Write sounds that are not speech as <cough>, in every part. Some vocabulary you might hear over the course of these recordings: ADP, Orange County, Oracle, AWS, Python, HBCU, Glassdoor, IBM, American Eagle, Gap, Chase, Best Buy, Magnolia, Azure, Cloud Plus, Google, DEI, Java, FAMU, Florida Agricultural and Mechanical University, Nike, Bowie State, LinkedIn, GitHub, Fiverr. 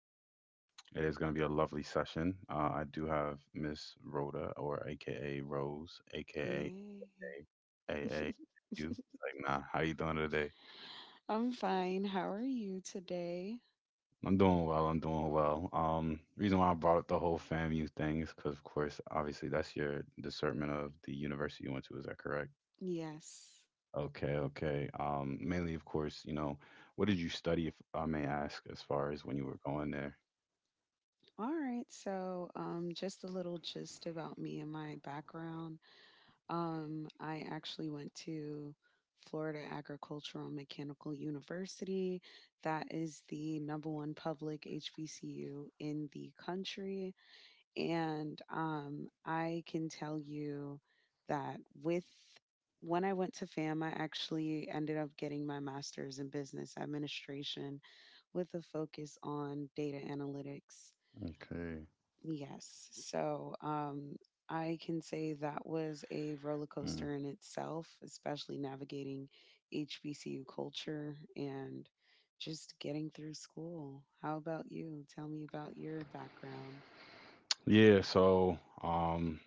It is going to be a lovely session. I do have Miss Rhoda, or AKA Rose, Yay. AKA AA. Like, <laughs> nah. How you doing today? I'm fine. How are you today? I'm doing well. I'm doing well. Reason why I brought up the whole FAMU thing is because, of course, obviously, that's your discernment of the university you went to. Is that correct? Yes. Okay, okay. Mainly, of course, what did you study, if I may ask, as far as when you were going there? All right. So, just a little gist about me and my background. I actually went to Florida Agricultural and Mechanical University. That is the number one public HBCU in the country. And I can tell you that with when I went to FAM, I actually ended up getting my master's in business administration with a focus on data analytics. Okay. Yes. So I can say that was a roller Mm. coaster in itself, especially navigating HBCU culture and just getting through school. How about you? Tell me about your background. Yeah,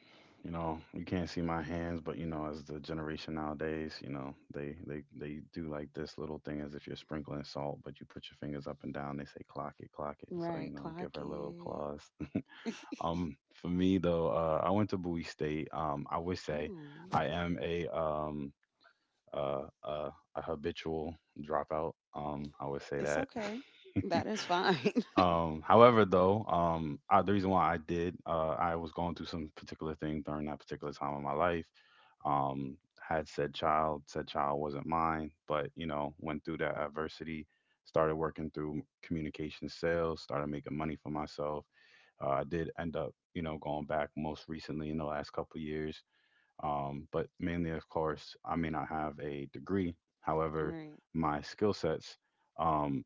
you know, you can't see my hands, but you know, as the generation nowadays, you know, they do like this little thing as if you're sprinkling salt, but you put your fingers up and down, they say clock it, clock it. So, you Right, know, clock give her little it. claws. <laughs> <laughs> For me though, I went to Bowie State. I would say Mm, I am a habitual dropout. I would say it's that. <laughs> okay. That is fine. However, though, I, the reason why I did, I was going through some particular thing during that particular time of my life. Um, had said child wasn't mine, but you know, went through that adversity, started working through communication sales, started making money for myself. I did end up, you know, going back most recently in the last couple years. But mainly, of course, I may not have a degree. However, <laughs> Right. my skill sets. Um,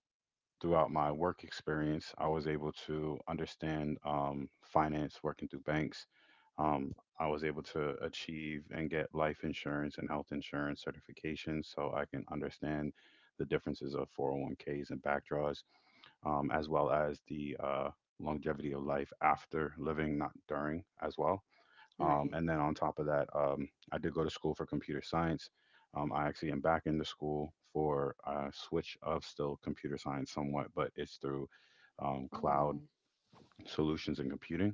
throughout my work experience, I was able to understand finance working through banks. Um, I was able to achieve and get life insurance and health insurance certifications so I can understand the differences of 401ks and backdraws, as well as the longevity of life after living, not during, as well. Right. And then on top of that, I did go to school for computer science. I actually am back into school for a switch of still computer science somewhat, but it's through Oh, cloud solutions and computing.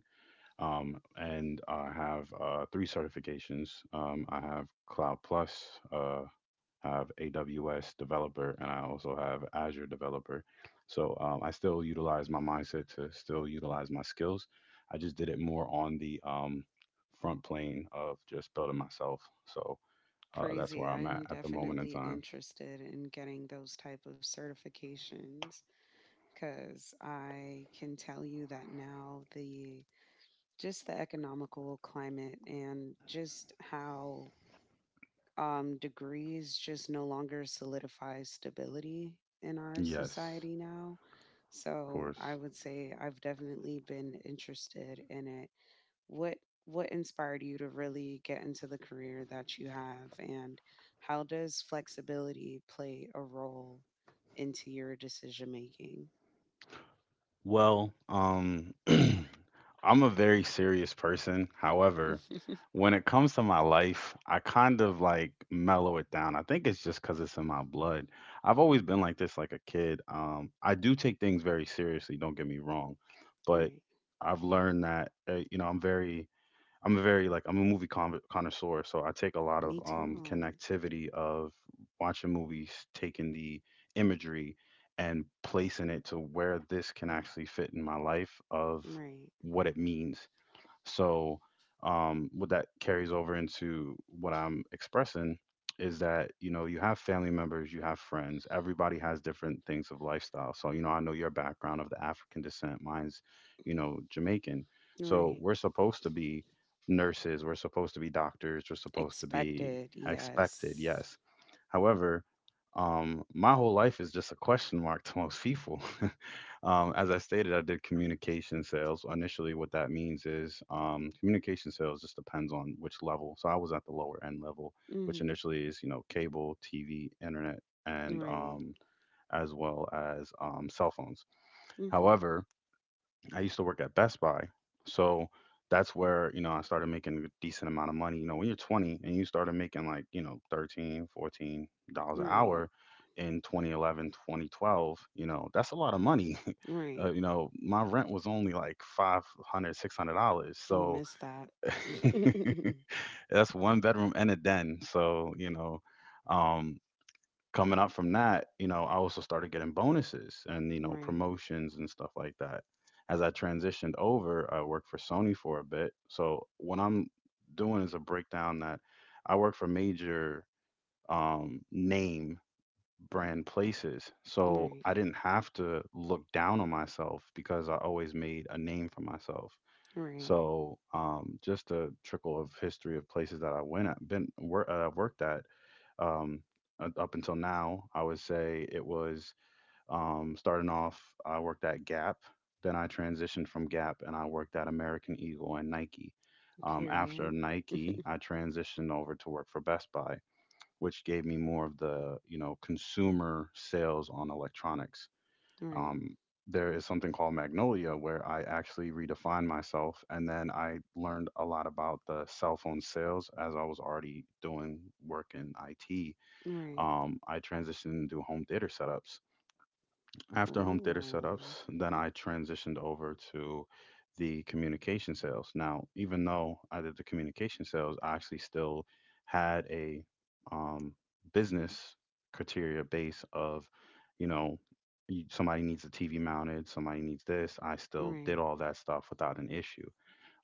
And I have three certifications. I have Cloud Plus. Have AWS developer, and I also have Azure developer. So I still utilize my mindset to still utilize my skills. I just did it more on the front plane of just building myself. So that's crazy. where I'm I'm at the moment in definitely time. interested in getting those type of certifications cuz I can tell you that now the economical climate and just how degrees just no longer solidify stability in our Yes, society now. of So I course. would say I've definitely been interested in it. What inspired you to really get into the career that you have, and how does flexibility play a role into your decision making? Well, <clears throat> I'm a very serious person. However, <laughs> when it comes to my life, I kind of like mellow it down. I think it's just because it's in my blood. I've always been like this, like a kid. I do take things very seriously, don't get me wrong, but Right. I've learned that, you know, I'm a very like I'm a connoisseur, so I take a lot of Me too. connectivity of watching movies, taking the imagery and placing it to where this can actually fit in my life of Right. what it means. So, what that carries over into what I'm expressing is that, you know, you have family members, you have friends, everybody has different things of lifestyle. So, you know, I know your background of the African descent, mine's, you know, Jamaican. So, Right. we're supposed to be nurses, we're supposed to be doctors, we're supposed to be Expected, expected, yes. yes. However, my whole life is just a question mark to most people. As I stated, I did communication sales. Initially, what that means is communication sales just depends on which level. So I was at the lower end level, which Hmm. initially is you know cable, TV, internet, and Right. As well as cell phones. Hmm. However, I used to work at Best Buy, so that's where you know I started making a decent amount of money. You know, when you're 20 and you started making like you know 13, $14 an Right. hour in 2011, 2012, you know, that's a lot of money. Right. You know my rent was only like 500, $600, We so miss that. <laughs> <laughs> that's one bedroom and a den, so you know um coming up from that, you know I also started getting bonuses and you know Right. promotions and stuff like that. As I transitioned over, I worked for Sony for a bit. So what I'm doing is a breakdown that I work for major name brand places. So Right. I didn't have to look down on myself because I always made a name for myself. Right. So just a trickle of history of places that I went at, worked at um, up until now. I would say it was starting off. I worked at Gap. Then I transitioned from Gap and I worked at American Eagle and Nike. After Period. Nike, <laughs> I transitioned over to work for Best Buy, which gave me more of the you know consumer sales on electronics. Right. Um, there is something called Magnolia where I actually redefined myself, and then I learned a lot about the cell phone sales as I was already doing work in IT. Right. I transitioned into home theater setups. After home theater Oh. setups, then I transitioned over to the communication sales. Now, even though I did the communication sales, I actually still had a um, business criteria base of, you know, you- somebody needs a TV mounted, somebody needs this. I still did right all that stuff without an issue.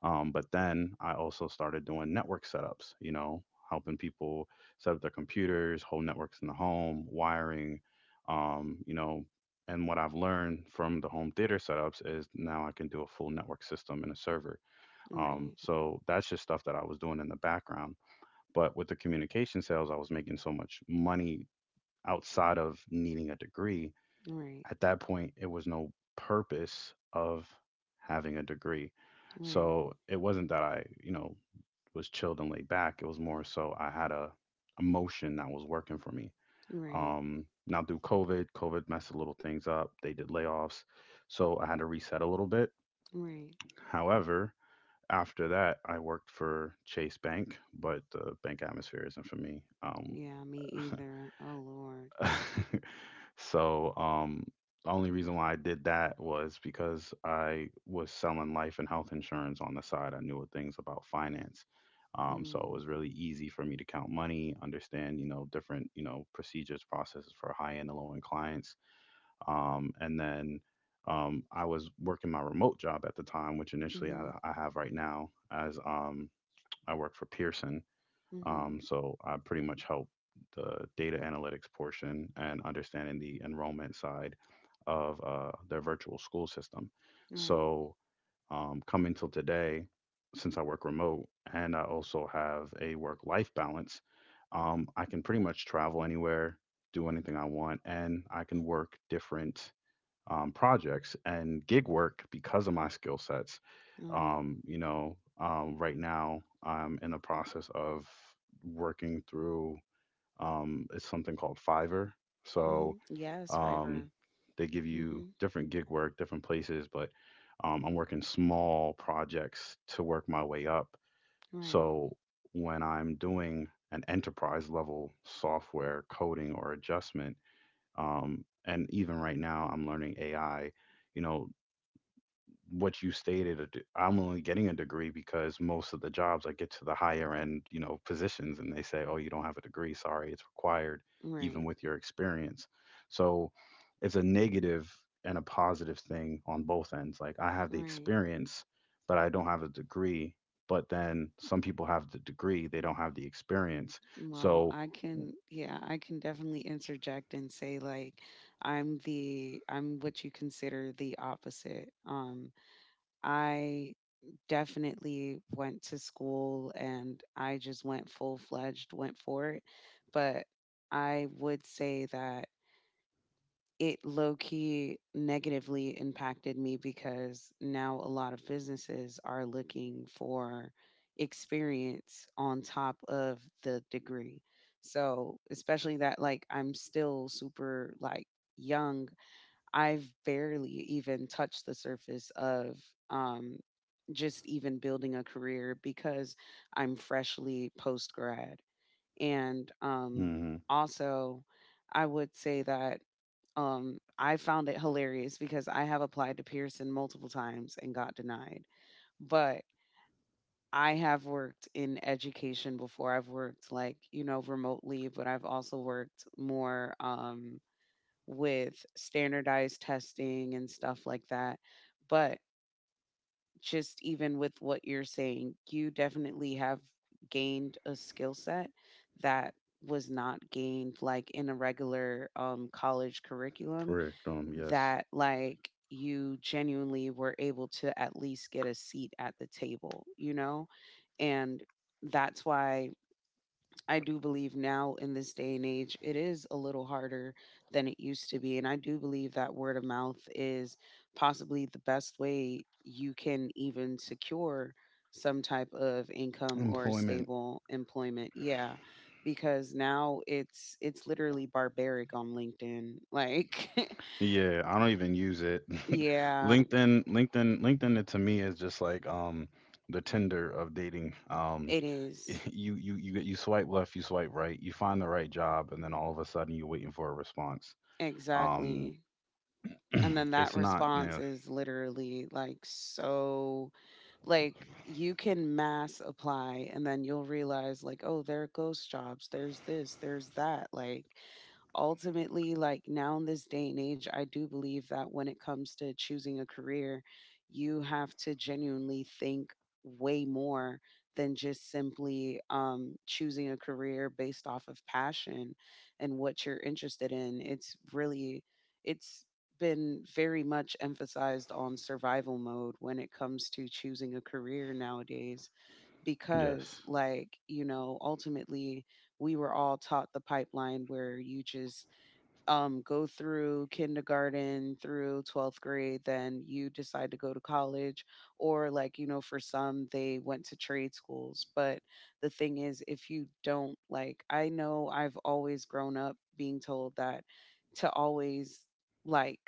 But then I also started doing network setups, you know, helping people set up their computers, whole networks in the home, wiring, you know. And what I've learned from the home theater setups is now I can do a full network system and a server. Right. So that's just stuff that I was doing in the background. But with the communication sales, I was making so much money outside of needing a degree. Right. At that point it was no purpose of having a degree. Right. So it wasn't that I you know was chilled and laid back, it was more so I had a emotion that was working for me. Right. Now through COVID, COVID messed a little things up, they did layoffs, so I had to reset a little bit. Right. However, after that I worked for Chase Bank, but the bank atmosphere isn't for me. Yeah, me either. Oh Lord. <laughs> So, the only reason why I did that was because I was selling life and health insurance on the side. I knew things about finance. So it Mm. was really easy for me to count money, understand, you know, different, you know, procedures, processes for high end and low end clients. And then I was working my remote job at the time, which initially I, Mhm. I have right now as I work for Pearson. Mhm. So I pretty much help the data analytics portion and understanding the enrollment side of their virtual school system. Right. So coming till today, since I work remote and I also have a work life balance, I can pretty much travel anywhere, do anything I want, and I can work different projects and gig work because of my skill sets. Right. You know, right now I'm in the process of working through it's something called Fiverr. So Mhm. Yes, um, Fiverr. they give you Mhm. different gig work, different places, but I'm working small projects to work my way up. Right. So when I'm doing an enterprise level software coding or adjustment, and even right now I'm learning AI, you know, what you stated, I'm only getting a degree because most of the jobs I get to the higher end you know positions and they say oh you don't have a degree, sorry it's required, even Right. with your experience. So it's a negative and a positive thing on both ends. Like I have the Right. experience but I don't have a degree, but then some people have the degree they don't have the experience. Well, So I can, yeah, I can definitely interject and say like I'm what you consider the opposite. I definitely went to school and I just went full fledged, went for it. But I would say that it low key negatively impacted me because now a lot of businesses are looking for experience on top of the degree. So, especially that, like, I'm still super, like, young. I've barely even touched the surface of um, just even building a career because I'm freshly post grad. And hmm. also, I would say that I found it hilarious because I have applied to Pearson multiple times and got denied. But I have worked in education before. I've worked, like, you know, remotely, but I've also worked more. With standardized testing and stuff like that. But just even with what you're saying, you definitely have gained a skill set that was not gained like in a regular college curriculum, Correct. Yes. that like you genuinely were able to at least get a seat at the table, you know? And that's why I do believe now in this day and age, it is a little harder than it used to be. And I do believe that word of mouth is possibly the best way you can even secure some type of income or Employment. stable employment. Yeah. Because now it's literally barbaric on LinkedIn. Like, Yeah, I don't even use it. <laughs> <laughs> yeah, LinkedIn, LinkedIn, LinkedIn, it to me is just like the Tinder of dating. It is. <laughs> you swipe left, you swipe right, you find the right job and then all of a sudden you're waiting for a response. Um Exactly. And then <clears throat> that it's not, yeah, response is literally like so. Like you can mass apply and then you'll realize like, oh, there are ghost jobs, there's this, there's that. Like, ultimately, like now in this day and age, I do believe that when it comes to choosing a career, you have to genuinely think way more than just simply choosing a career based off of passion and what you're interested in. It's really, it's been very much emphasized on survival mode when it comes to choosing a career nowadays, yes. because like you know, ultimately we were all taught the pipeline where you just go through kindergarten through 12th grade, then you decide to go to college, or like, you know, for some, they went to trade schools. But the thing is, if you don't, like, I know I've always grown up being told that to always, like,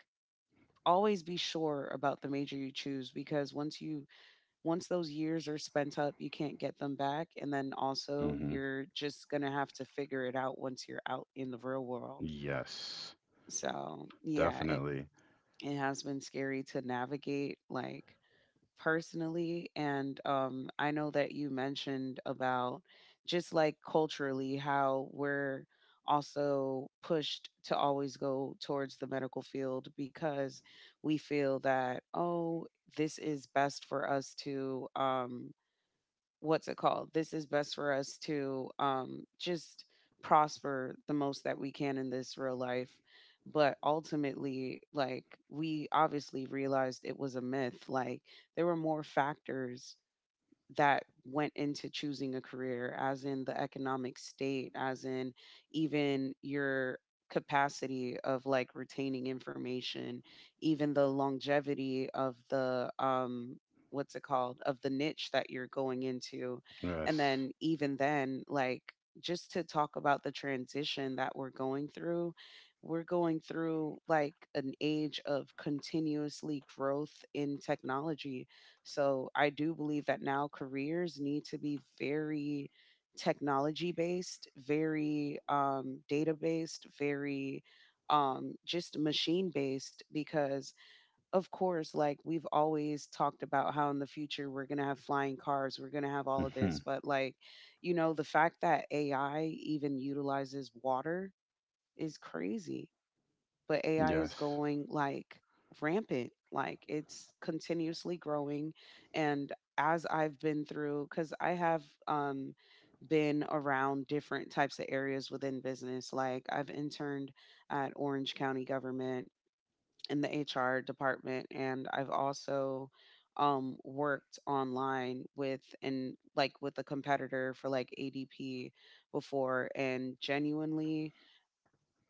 always be sure about the major you choose, because once those years are spent up you can't get them back, and then also Mhm. you're just going to have to figure it out once you're out in the real world. Yes. So yeah, Definitely. it has been scary to navigate, like, personally. And I know that you mentioned about just like culturally how we're also pushed to always go towards the medical field because we feel that, oh, this is best for us to what's it called? This is best for us to just prosper the most that we can in this real life. But ultimately, like, we obviously realized it was a myth. Like, there were more factors that went into choosing a career, as in the economic state, as in even your capacity of like retaining information, even the longevity of the what's it called of the niche that you're going into. And Yes. then even then, like, just to talk about the transition that we're going through like an age of continuously growth in technology, so I do believe that now careers need to be very technology based, very data based, very just machine based. Because, of course, like we've always talked about how in the future we're going to have flying cars, we're going to have all of Mhm. this. But, like, you know, the fact that AI even utilizes water is crazy, but AI is Yes. going like rampant. Like, it's continuously growing. And as I've been through, because I have been around different types of areas within business, like I've interned at Orange County government in the HR department, and I've also worked online with, and like with a competitor for like ADP before, and genuinely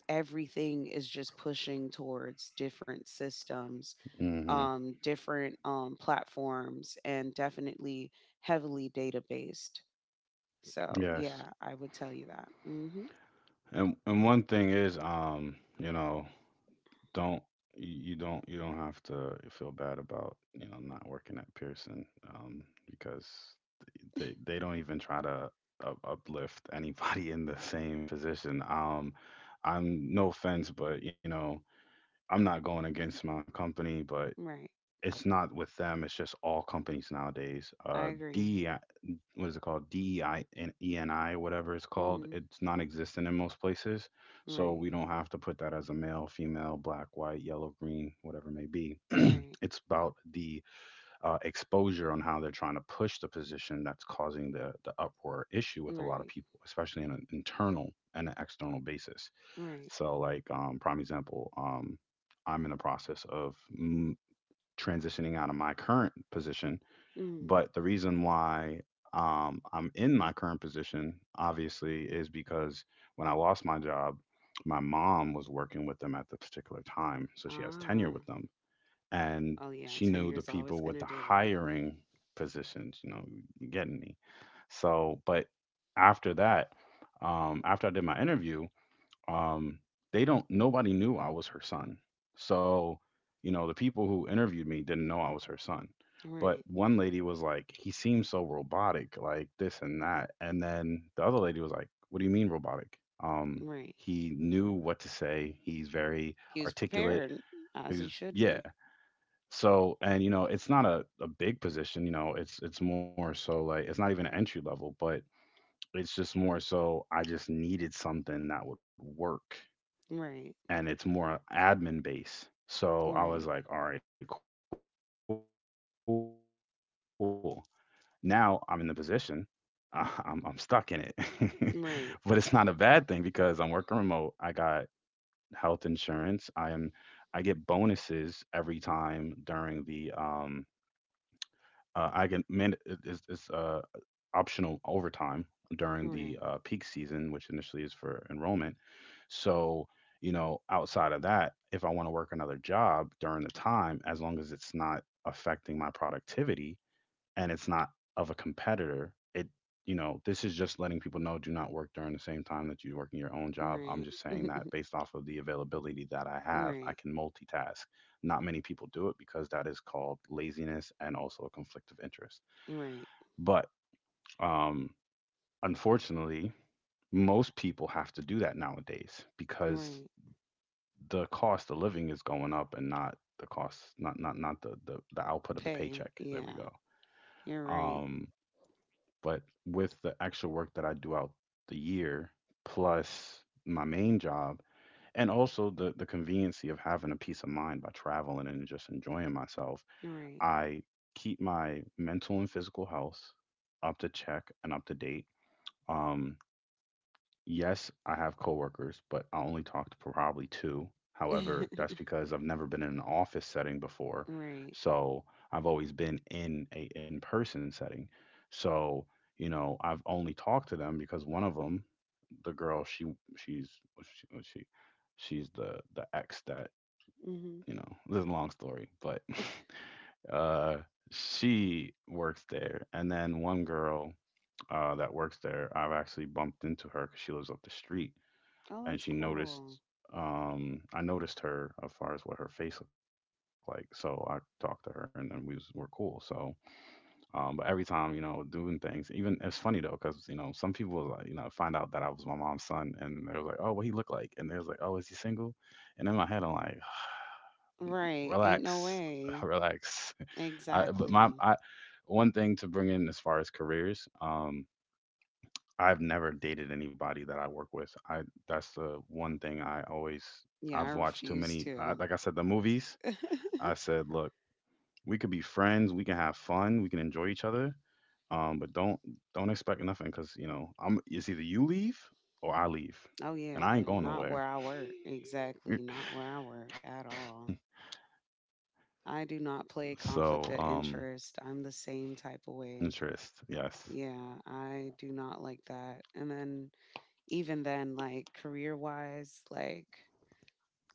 everything is just pushing towards different systems, Mhm. Different platforms, and definitely heavily data based. So, Yes. yeah, I would tell you that. Hmm. And one thing is you know, don't, you don't, you don't have to feel bad about you know not working at Pearson, um, because they don't even try to uplift <laughs> anybody in the same position. I'm no offense, but you know I'm not going against my company, but Right. it's not with them. It's just all companies nowadays. I agree. DEI, what is it called, DEI and ENI, whatever it's called, Hmm. it's non-existent in most places. So Right. we don't have to put that as a male, female, black, white, yellow, green, whatever it may be. <clears throat> Right. It's about the exposure on how they're trying to push the position that's causing the uproar issue with a lot of Right. people, especially on an internal and an external basis. Right. So like prime example. I'm in the process of transitioning out of my current position. Mm. But the reason why I'm in my current position, obviously, is because when I lost my job, my mom was working with them at the particular time. So she has tenure Ah. with them. And Oh, yeah. she 10 knew the years always people going with to the do it. hiring positions, you know, you getting me. So, but after that, after I did my interview, um, they don't nobody knew I was her son. So, you know, the people who interviewed me didn't know I was her son. But Right. one lady was like, he seems so robotic, like this and that. And then the other lady was like, what do you mean robotic? Right. He knew what to say. He's very He was articulate. prepared, as he He's should be. yeah. So and you know, it's not a big position, you know, it's more so like it's not even an entry level, but it's just more so I just needed something that would work Right. and it's more admin based. So I was Right. like, all right, cool. Now I'm in the position. <laughs> I'm stuck in it, <laughs> but it's not a bad thing because I'm working remote. Right. I got health insurance. I am I get bonuses every time during the I get man is optional overtime during the peak season, Right. which initially is for enrollment. So, you know, outside of that, if I want to work another job during the time, as long as it's not affecting my productivity and it's not of a competitor, it, you know, this is just letting people know do not work during the same time that you work in your own job. I'm Right. just saying that <laughs> based off of the availability that I have, I Right, can multitask. Not many people do it because that is called laziness and also a conflict of interest. right, But um, unfortunately, most people have to do that nowadays because right. the cost of living is going up and not the cost not the output of the Pay. paycheck, there Yeah, we go. you're right. um but with the actual work that I do out the year, plus my main job, and also the conveniency of having a peace of mind by traveling and just enjoying myself, Right, I keep my mental and physical health up to check and up to date. um Yes, I have coworkers, but I only talk to probably two. However, that's <laughs> because I've never been in an office setting before. right. So I've always been in a in-person setting. So, you know, I've only talked to them because one of them, the girl, she's she she's the ex that, Hmm. you know, this is a long story, but <laughs> uh she works there. And then one girl that works there, I've actually bumped into her because she lives up the street Oh, and that's she noticed cool. I noticed her as far as what her face looked like. So I talked to her and then we were cool. So but every time, you know, doing things, even it's funny though cuz you know, some people was like, you know, find out that I was my mom's son and they was like, "Oh, what he look like?" And they was like, "Oh, is he single?" And in my head I'm like, <sighs> Right. Ain't no "Relax. <laughs> way. Relax." I but my Exactly. I one thing to bring in as far as careers, um I've never dated anybody that I work with. I that's the one thing I always Yeah, I I've watched too refuse many. To. Like I said, the movies. I said, look, we could be friends. We can have fun. We can enjoy each other. But don't expect nothing because you know I'm. It's either you leave or I leave, Oh, and yeah, I ain't but going not where nowhere. I work. Exactly. <laughs> Not where I work at all. I do not play So conflict of interest. I'm the same type of way. interest, yes, Yeah, I do not like that. And then, even then, like career wise, like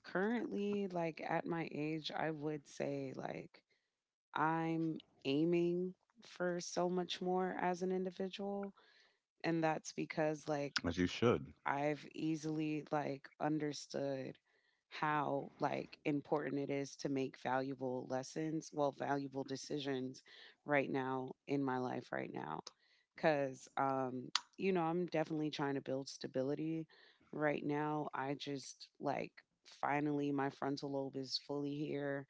currently, like at my age, I would say like I'm aiming for so much more as an individual. And that's because like as you should. I've easily like understood how like important it is to make valuable lessons, well, valuable decisions right now in my life right now. Cause you know, I'm definitely trying to build stability right now. I just like finally my frontal lobe is fully here.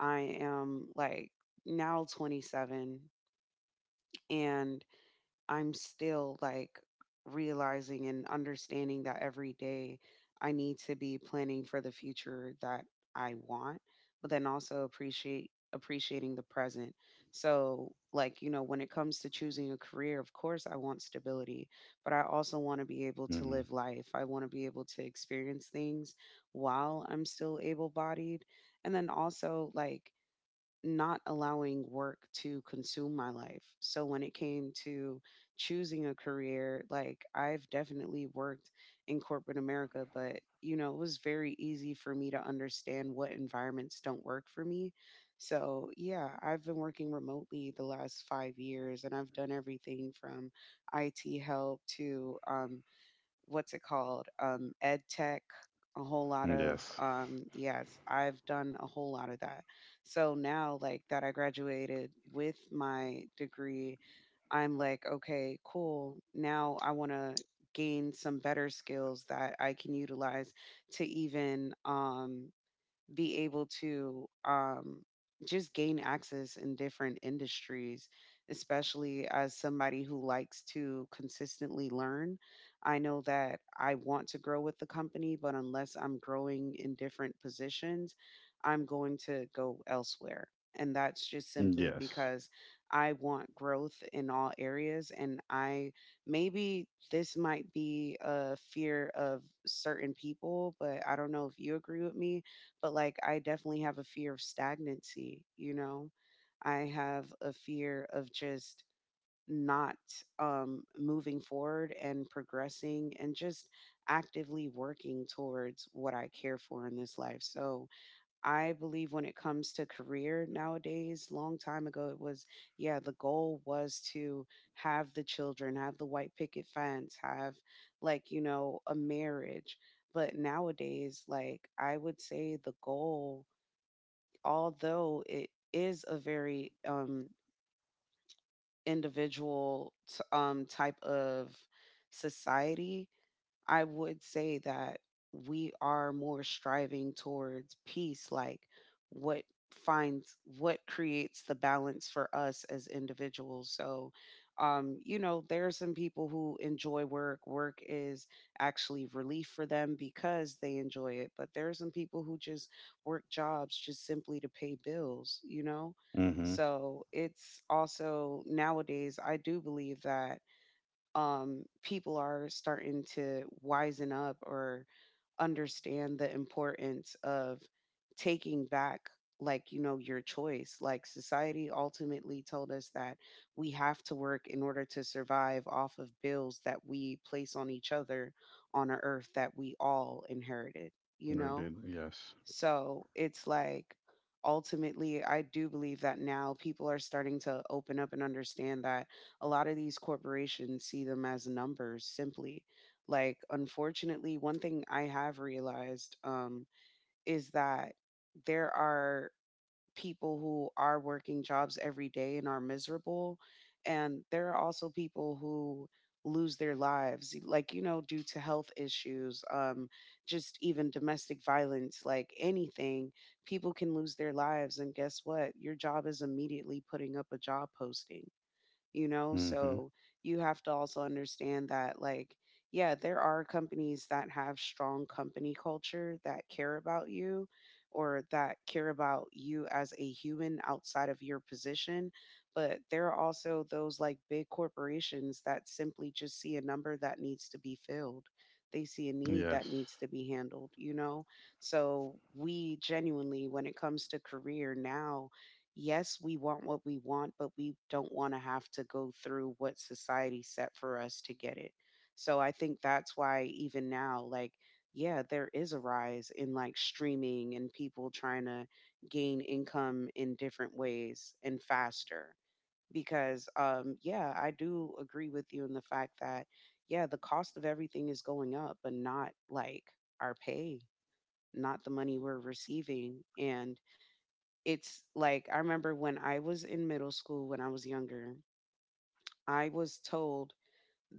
I am like now 27, and I'm still like realizing and understanding that every day I need to be planning for the future that I want, but then also appreciate appreciating the present. So, like, you know, when it comes to choosing a career, of course I want stability, but I also want to be able to Hmm. live life. I want to be able to experience things while I'm still able-bodied. And then also like not allowing work to consume my life. So when it came to choosing a career, like I've definitely worked in corporate America, but you know, it was very easy for me to understand what environments don't work for me. So, yeah, I've been working remotely the last 5 years and I've done everything from IT help to what's it called? Ed tech, a whole lot of, Yes. Yes, I've done a whole lot of that. So now, like that I graduated with my degree, I'm like, okay, cool. Now I want to gain some better skills that I can utilize to even, be able to just gain access in different industries, especially as somebody who likes to consistently learn. I know that I want to grow with the company, but unless I'm growing in different positions, I'm going to go elsewhere. And that's just Mm, simply yes. because I want growth in all areas. And I maybe this might be a fear of certain people, but I don't know if you agree with me, but like I definitely have a fear of stagnancy, you know. I have a fear of just not moving forward and progressing and just actively working towards what I care for in this life. So, I believe when it comes to career nowadays, long time ago it was, yeah, the goal was to have the children, have the white picket fence, have like, you know, a marriage. But nowadays, like I would say the goal, although it is a very individual type of society, I would say that we are more striving towards peace, like what finds what creates the balance for us as individuals. So, you know, there are some people who enjoy work. Work is actually relief for them because they enjoy it. But there are some people who just work jobs just simply to pay bills, you know? Mm-hmm. So it's also nowadays, I do believe that people are starting to wisen up or understand the importance of taking back like you know your choice like society ultimately told us that we have to work in order to survive off of bills that we place on each other on a earth that we all inherited, you Sure know? did. Yes. So it's like ultimately, I do believe that now people are starting to open up and understand that a lot of these corporations see them as numbers simply. Like, unfortunately, one thing I have realized, is that there are people who are working jobs every day and are miserable. And there are also people who lose their lives, like, you know, due to health issues, just even domestic violence, like anything. People can lose their lives. And guess what? Your job is immediately putting up a job posting, you know? Mm-hmm. So you have to also understand that, like, yeah, there are companies that have strong company culture that care about you or that care about you as a human outside of your position. But there are also those like big corporations that simply just see a number that needs to be filled. They see a need that Yes. needs to be handled, you know? So we genuinely, when it comes to career now, yes, we want what we want, but we don't want to have to go through what society set for us to get it. So I think that's why even now, like, yeah, there is a rise in like streaming and people trying to gain income in different ways and faster. Because, yeah, I do agree with you in the fact that, yeah, the cost of everything is going up, but not like our pay, not the money we're receiving. And it's like I remember when I was in middle school when I was younger, I was told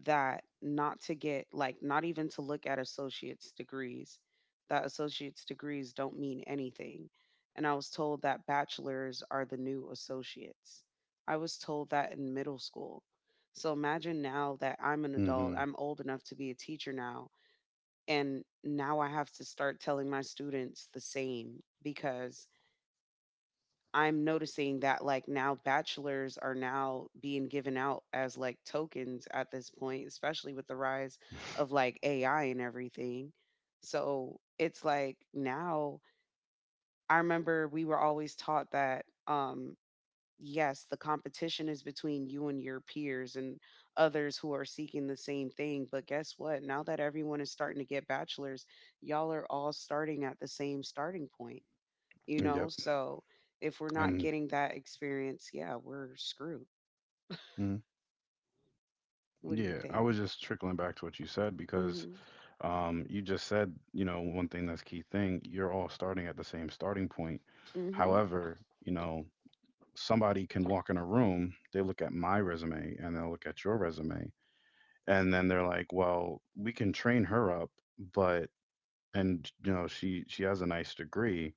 that not to get like not even to look at associate's degrees, that associate's degrees don't mean anything. And I was told that bachelors are the new associates. I was told that in middle school. So imagine now that I'm an Mm-hmm. adult, I'm old enough to be a teacher now, and now I have to start telling my students the same because I'm noticing that like now bachelors are now being given out as like tokens at this point, especially with the rise of like AI and everything. So it's like now I remember we were always taught that yes, the competition is between you and your peers and others who are seeking the same thing. But guess what? Now that everyone is starting to get bachelors, y'all are all starting at the same starting point, you know? Mm, yep. So if we're not getting Um, that experience, yeah, we're screwed. mm, yeah, What do I you was think? just trickling back to what you said because Mhm. You just said, you know, one thing that's key thing, you're all starting at the same starting point. Mhm. However, you know, somebody can walk in a room, they look at my resume and they'll look at your resume, and then they're like, well, we can train her up, but and you know, she has a nice degree,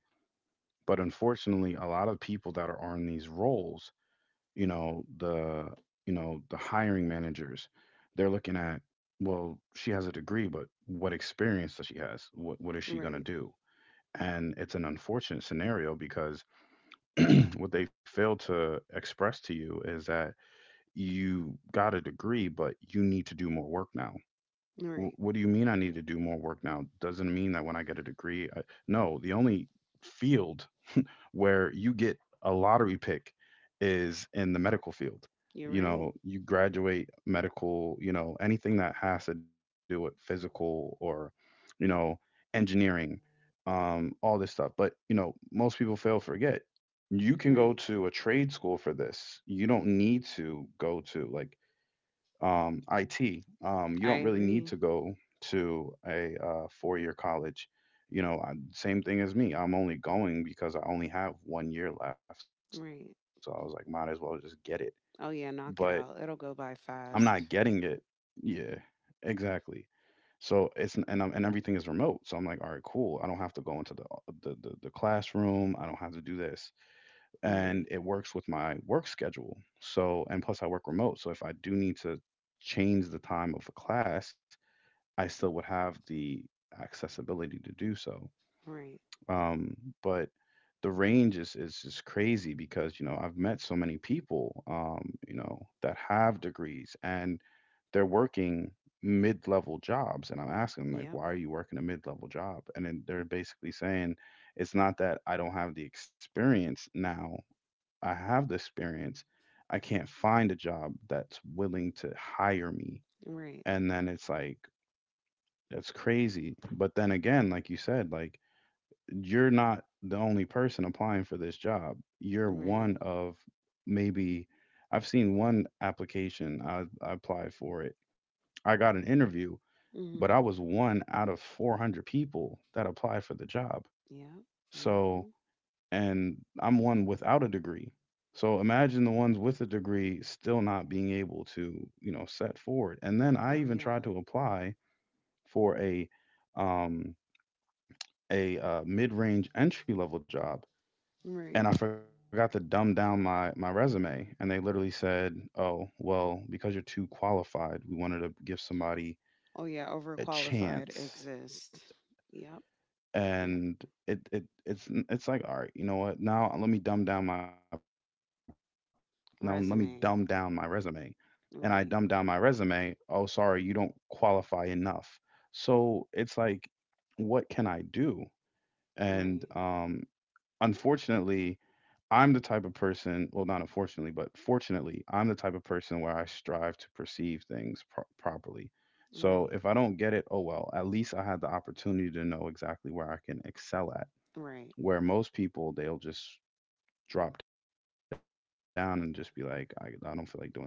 but unfortunately, a lot of people that are on these roles, you know the, you know the hiring managers, they're looking at, well she has a degree but what experience does she has, what is she going to Right. do. And it's an unfortunate scenario because <clears throat> what they fail to express to you is that you got a degree but you need to do more work now. Right. What do you mean I need to do more work now, doesn't mean that when I get a degree no, the only field where you get a lottery pick is in the medical field. You're You right. know, you graduate medical, you know, anything that has to do with physical, or you know, engineering, all this stuff. But, you know, most people fail to forget. You can go Right. to a trade school for this. You don't need to go to like IT. You I don't really need agree. to go to a four-year college. You know, same thing as me. I'm only going because I only have 1 year left. So I was like, might as Right. well just get it. But Oh yeah, knock it out. I'm It'll go not by getting it. fast. Yeah, exactly. So it's and I'm and everything is remote. So I'm like, all right, cool. I don't have to go into the the classroom. I don't have to do this and it Right. works with my work schedule. So, and plus I work remote. So if I do need to change the time of a class, I still would have the accessibility to do so. Right. Um, but the range is just crazy because you know I've met so many people you know that have degrees and they're working mid-level jobs and I'm asking them like Yep. why are you working a mid-level job, and then they're basically saying it's not that I don't have the experience, now I have the experience. I can't find a job that's willing to hire me. Right. And then it's like, that's crazy. But then again, like you said, like you're not the only person applying for this job. You're Right. one of maybe, I've seen one application, I applied for it. I got an interview, Mm. but I was Mhm. one out of 400 people that applied for the job. Yep. Mm. So Mhm. and I'm one without a degree. So imagine the ones with a degree still not being able to, you know, set forward. And then I Oh even yeah. tried to apply for um a mid-range entry level job Right. and I forgot to dumb down my my resume and they literally said, "Oh, well, because you're too qualified, we wanted to give somebody Oh yeah, a overqualified chance, exist. Yep. Yep. and it's like all right you know what, now let me dumb down my, now let me dumb down my resume. Resume. And I dumb down my resume, oh Right. sorry you don't qualify enough. So it's like, what can I do. And Right. unfortunately, I'm the type of person, well not unfortunately but fortunately, I'm the type of person where I strive to perceive things properly. So Right. if I don't get it, oh well, at least I had the opportunity to know exactly where I can excel, Right. where most people they'll just drop down and just be like I don't feel like doing this anymore, let me just forget it.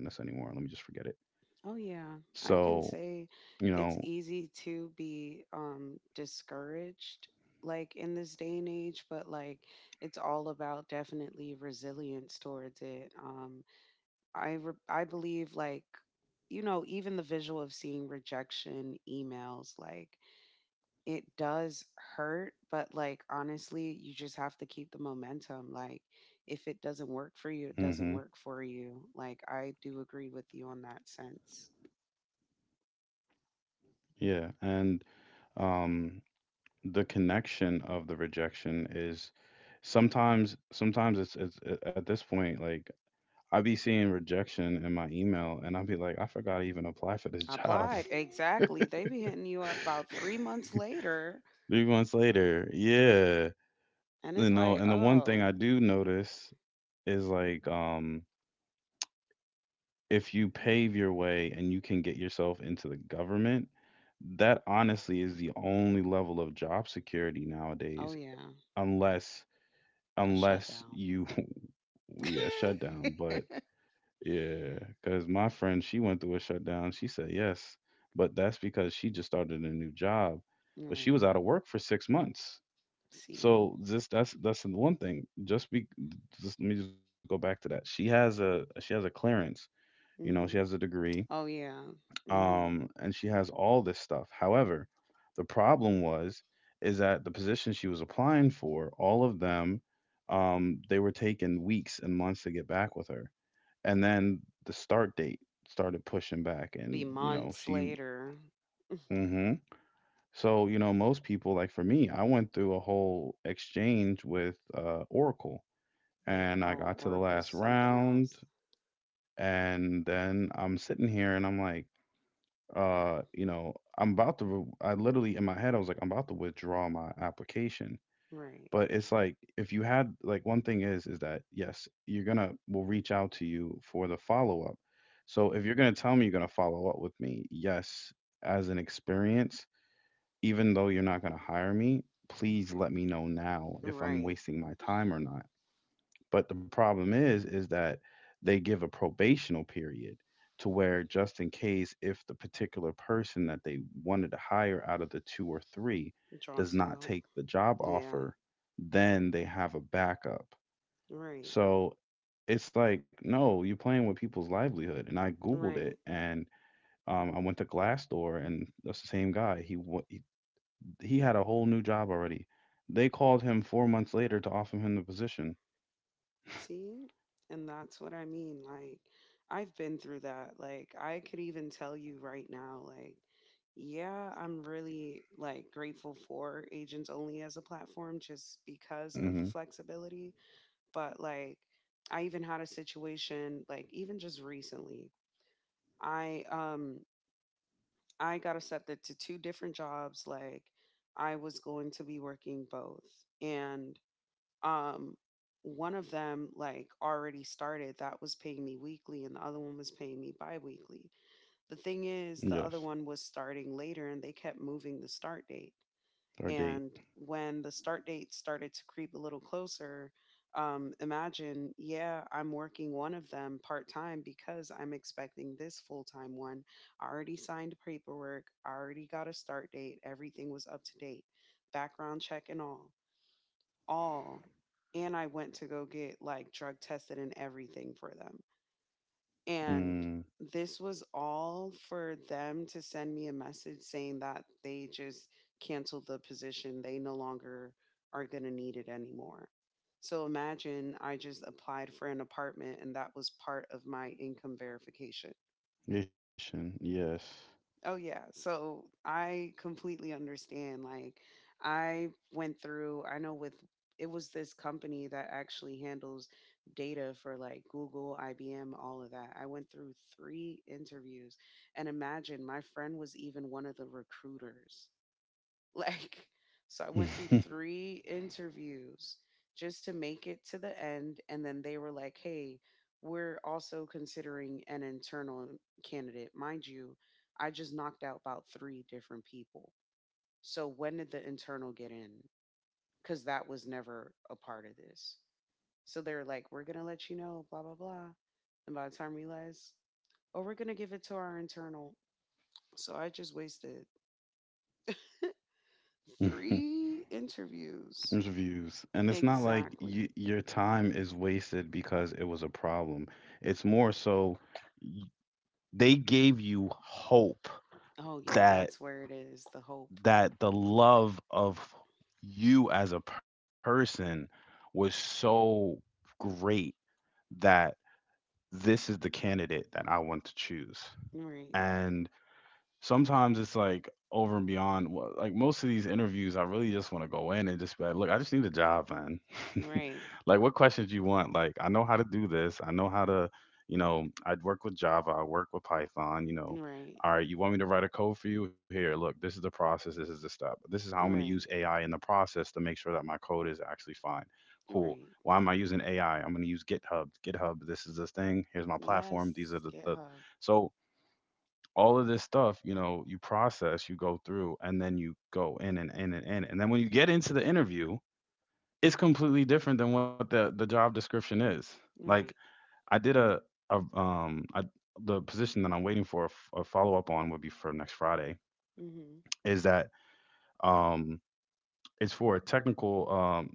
Oh So yeah, I you can know. say it's easy to be discouraged like in this day and age, but like it's all about definitely resilience towards it. I believe like you know, even the visual of seeing rejection emails like it does hurt, but like honestly, you just have to keep the momentum like if it doesn't work for you, Hmm. it doesn't work for you. Like I do agree with you on that sense. Yeah, and um the connection of the rejection is sometimes it's at this point like I be seeing rejection in my email and I'll be like I forgot I even apply for this I job. applied. <laughs> Exactly. They be hitting you up about 3 months later, 3 months later, yeah. and You it's know, like, and the one thing oh, I do notice is like if you pave your way and you can get yourself into the government, that honestly is the only level of job security oh nowadays, yeah, unless a shutdown. you <laughs> yeah <laughs> shutdown. But yeah, because my friend she went through a shutdown. She said yes, but that's because she just started a new job, but she Right. was out of work for 6 months. See. So just that's the one thing. Just be just let me just go back to that. She has a clearance. You know, Mm-hmm. she has a degree, Oh yeah. Hmm. And she has all this stuff. However, the problem was is that the positions she was applying for, all of them, they were taking weeks and months to get back with her, and then the start date started pushing back, Be and you know months she. later. Hmm So you know, most people, like for me, I went through a whole exchange with Oracle, Yeah. and I Oh, got to the Oracle's last something else. round, and then I'm sitting here and I'm like, you know, I'm about to, I literally in my head, I was like, I'm about to withdraw my application. Right. But it's like, if you had, like, one thing is that yes, you're gonna, we'll reach out to you for the follow up. So if you're gonna tell me you're gonna follow up with me, yes, as an experience, even though you're not gonna hire me, please let me know now if I'm Right. wasting my time or not. But the problem is that they give a probational period to where just in case if the particular person that they wanted to hire out of the two or three does Drops not out. take the job Yeah. offer, then they have a backup. Right. So it's like, no, you're playing with people's livelihood. And I Googled Right. it and I went to Glassdoor, and the same guy, he he had a whole new job already. They called him 4 months later to offer him the position. See? And that's what I mean. Like, I've been through that. Like, I could even tell you right now, like, yeah, I'm really like grateful for agents only as a platform just because of the Hmm. flexibility. But like, I even had a situation like even just recently. I um I got accepted to two different jobs. Like, I was going to be working both, and um one of them like already started that was paying me weekly and the other one was paying me bi-weekly. The thing is Yes. the other one was starting later and they kept moving the start date, Start date. and when the start date started to creep a little closer, imagine yeah I'm working one of them part-time because I'm expecting this full-time one. I already signed paperwork, I already got a start date, everything was up to date, background check and all all. And I went to go get like drug tested and everything for them. And Mm. this was all for them to send me a message saying that they just canceled the position. They no longer are going to need it anymore. So imagine I just applied for an apartment and that was part of my income verification. Ishin, yes. Oh yeah. So I completely understand. Like I went through, I know with it was this company that actually handles data for like Google, IBM, all of that. I went through three interviews and imagine my friend was even one of the recruiters. <laughs> Like, so I went through <laughs> three interviews just to make it to the end. And then they were like, hey, we're also considering an internal candidate. Mind you, I just knocked out about three different people. So when did the internal get in? Because that was never a part of this. So they were like, we're going to let you know, blah, blah, blah. And by the time we realized, oh, we're going to give it to our internal. So I just wasted three interviews. There's views. And it's not like Exactly. you, your time is wasted because it was a problem. It's more so, y- they gave you hope Oh yeah, that, that's where it is, the hope. that the love of you as a person was so great that this is the candidate that I want to choose. Right. And sometimes it's like over and beyond, like most of these interviews, I really just want to go in and just be like, look, I just need a job, man. <laughs> Right. Like, what questions you want? Like, I know how to do this, I know how to, you know, I'd work with Java, I work with Python, you know. Right. All right, you want me to write a code for you? Here, look, this is the process, this is the step, this is how I'm going to use Right. AI in the process to make sure that my code is actually fine. Cool. Right. Why am I using AI? I'm going to use GitHub. GitHub, this is this thing, here's my platform, Yes, these are the GitHub. so all of this stuff, you know, you process, you go through, and then you go in and in and in. And then when you get into the interview, it's completely different than what the job description is. Like, Right. I did a, a um I, the position that I'm waiting for a, a follow up on would be for next Friday. Mhm. Is that, um, it's for a technical,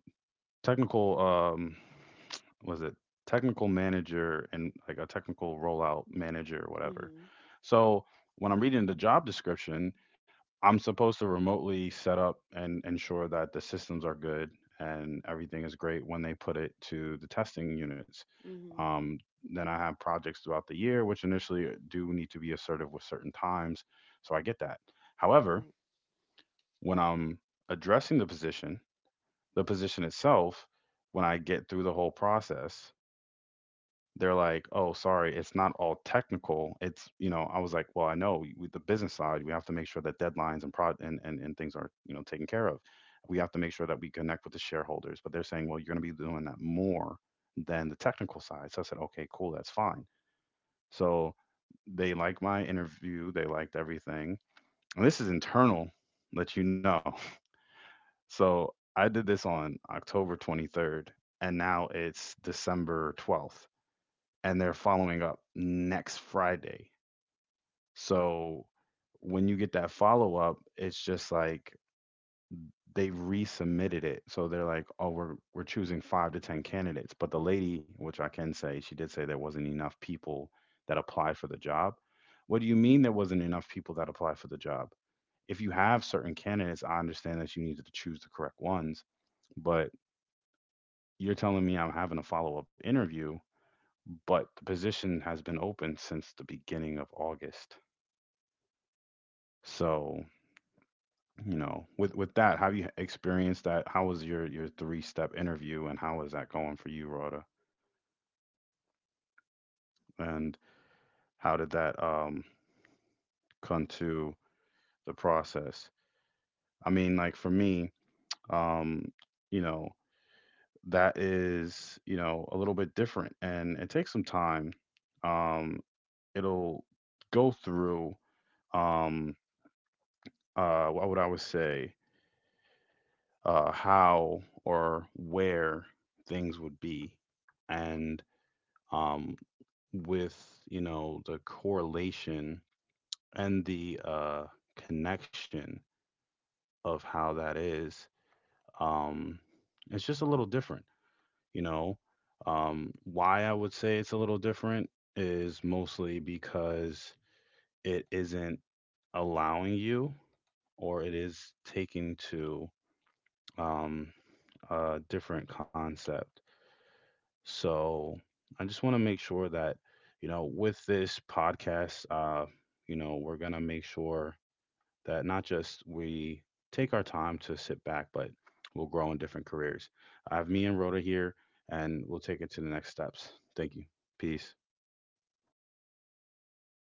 technical was it technical manager and like a technical rollout manager or whatever. Mhm. So when I'm reading the job description, I'm supposed to remotely set up and ensure that the systems are good and everything is great when they put it to the testing units. Mhm. Um, then I have projects throughout the year, which initially do need to be assertive with certain times. So I get that. However, Right. when I'm addressing the position itself, when I get through the whole process, they're like, "Oh, sorry, it's not all technical. It's, you know." I was like, "Well, I know with the business side, we have to make sure that deadlines and prod and, and things are, you know, taken care of. We have to make sure that we connect with the shareholders." But they're saying, "Well, you're going to be doing that more than the technical side." So I said, "Okay, cool, that's fine." So they liked my interview, they liked everything. And this is internal, let you know. So I did this on October 23rd, and now it's December 12th, and they're following up next Friday. So when you get that follow up, it's just like they resubmitted it. So they're like, oh, we're choosing five to ten candidates. But the lady, which I can say, she did say there wasn't enough people that applied for the job. What do you mean there wasn't enough people that applied for the job? If you have certain candidates, I understand that you needed to choose the correct ones, but you're telling me I'm having a follow up interview, but the position has been open since the beginning of August. So, you know, with that, have you experienced that? How was your three step interview, and how was that going for you, Rhoda? And how did that, come to the process? I mean, like for me, um, you know, that is, you know, a little bit different, and it takes some time. Um, It'll go through, um what would I would say, how or where things would be, and, um, with, you know, the correlation and the, connection of how that is, um, it's just a little different, you know. Why I would say it's a little different is mostly because it isn't allowing you, or it is taking to, um, different concept. So I just want to make sure that, you know, with this podcast, you know, we're going to make sure that not just we take our time to sit back, but we'll grow in different careers. I have me and Rhoda here, and we'll take it to the next steps. Thank you. Peace.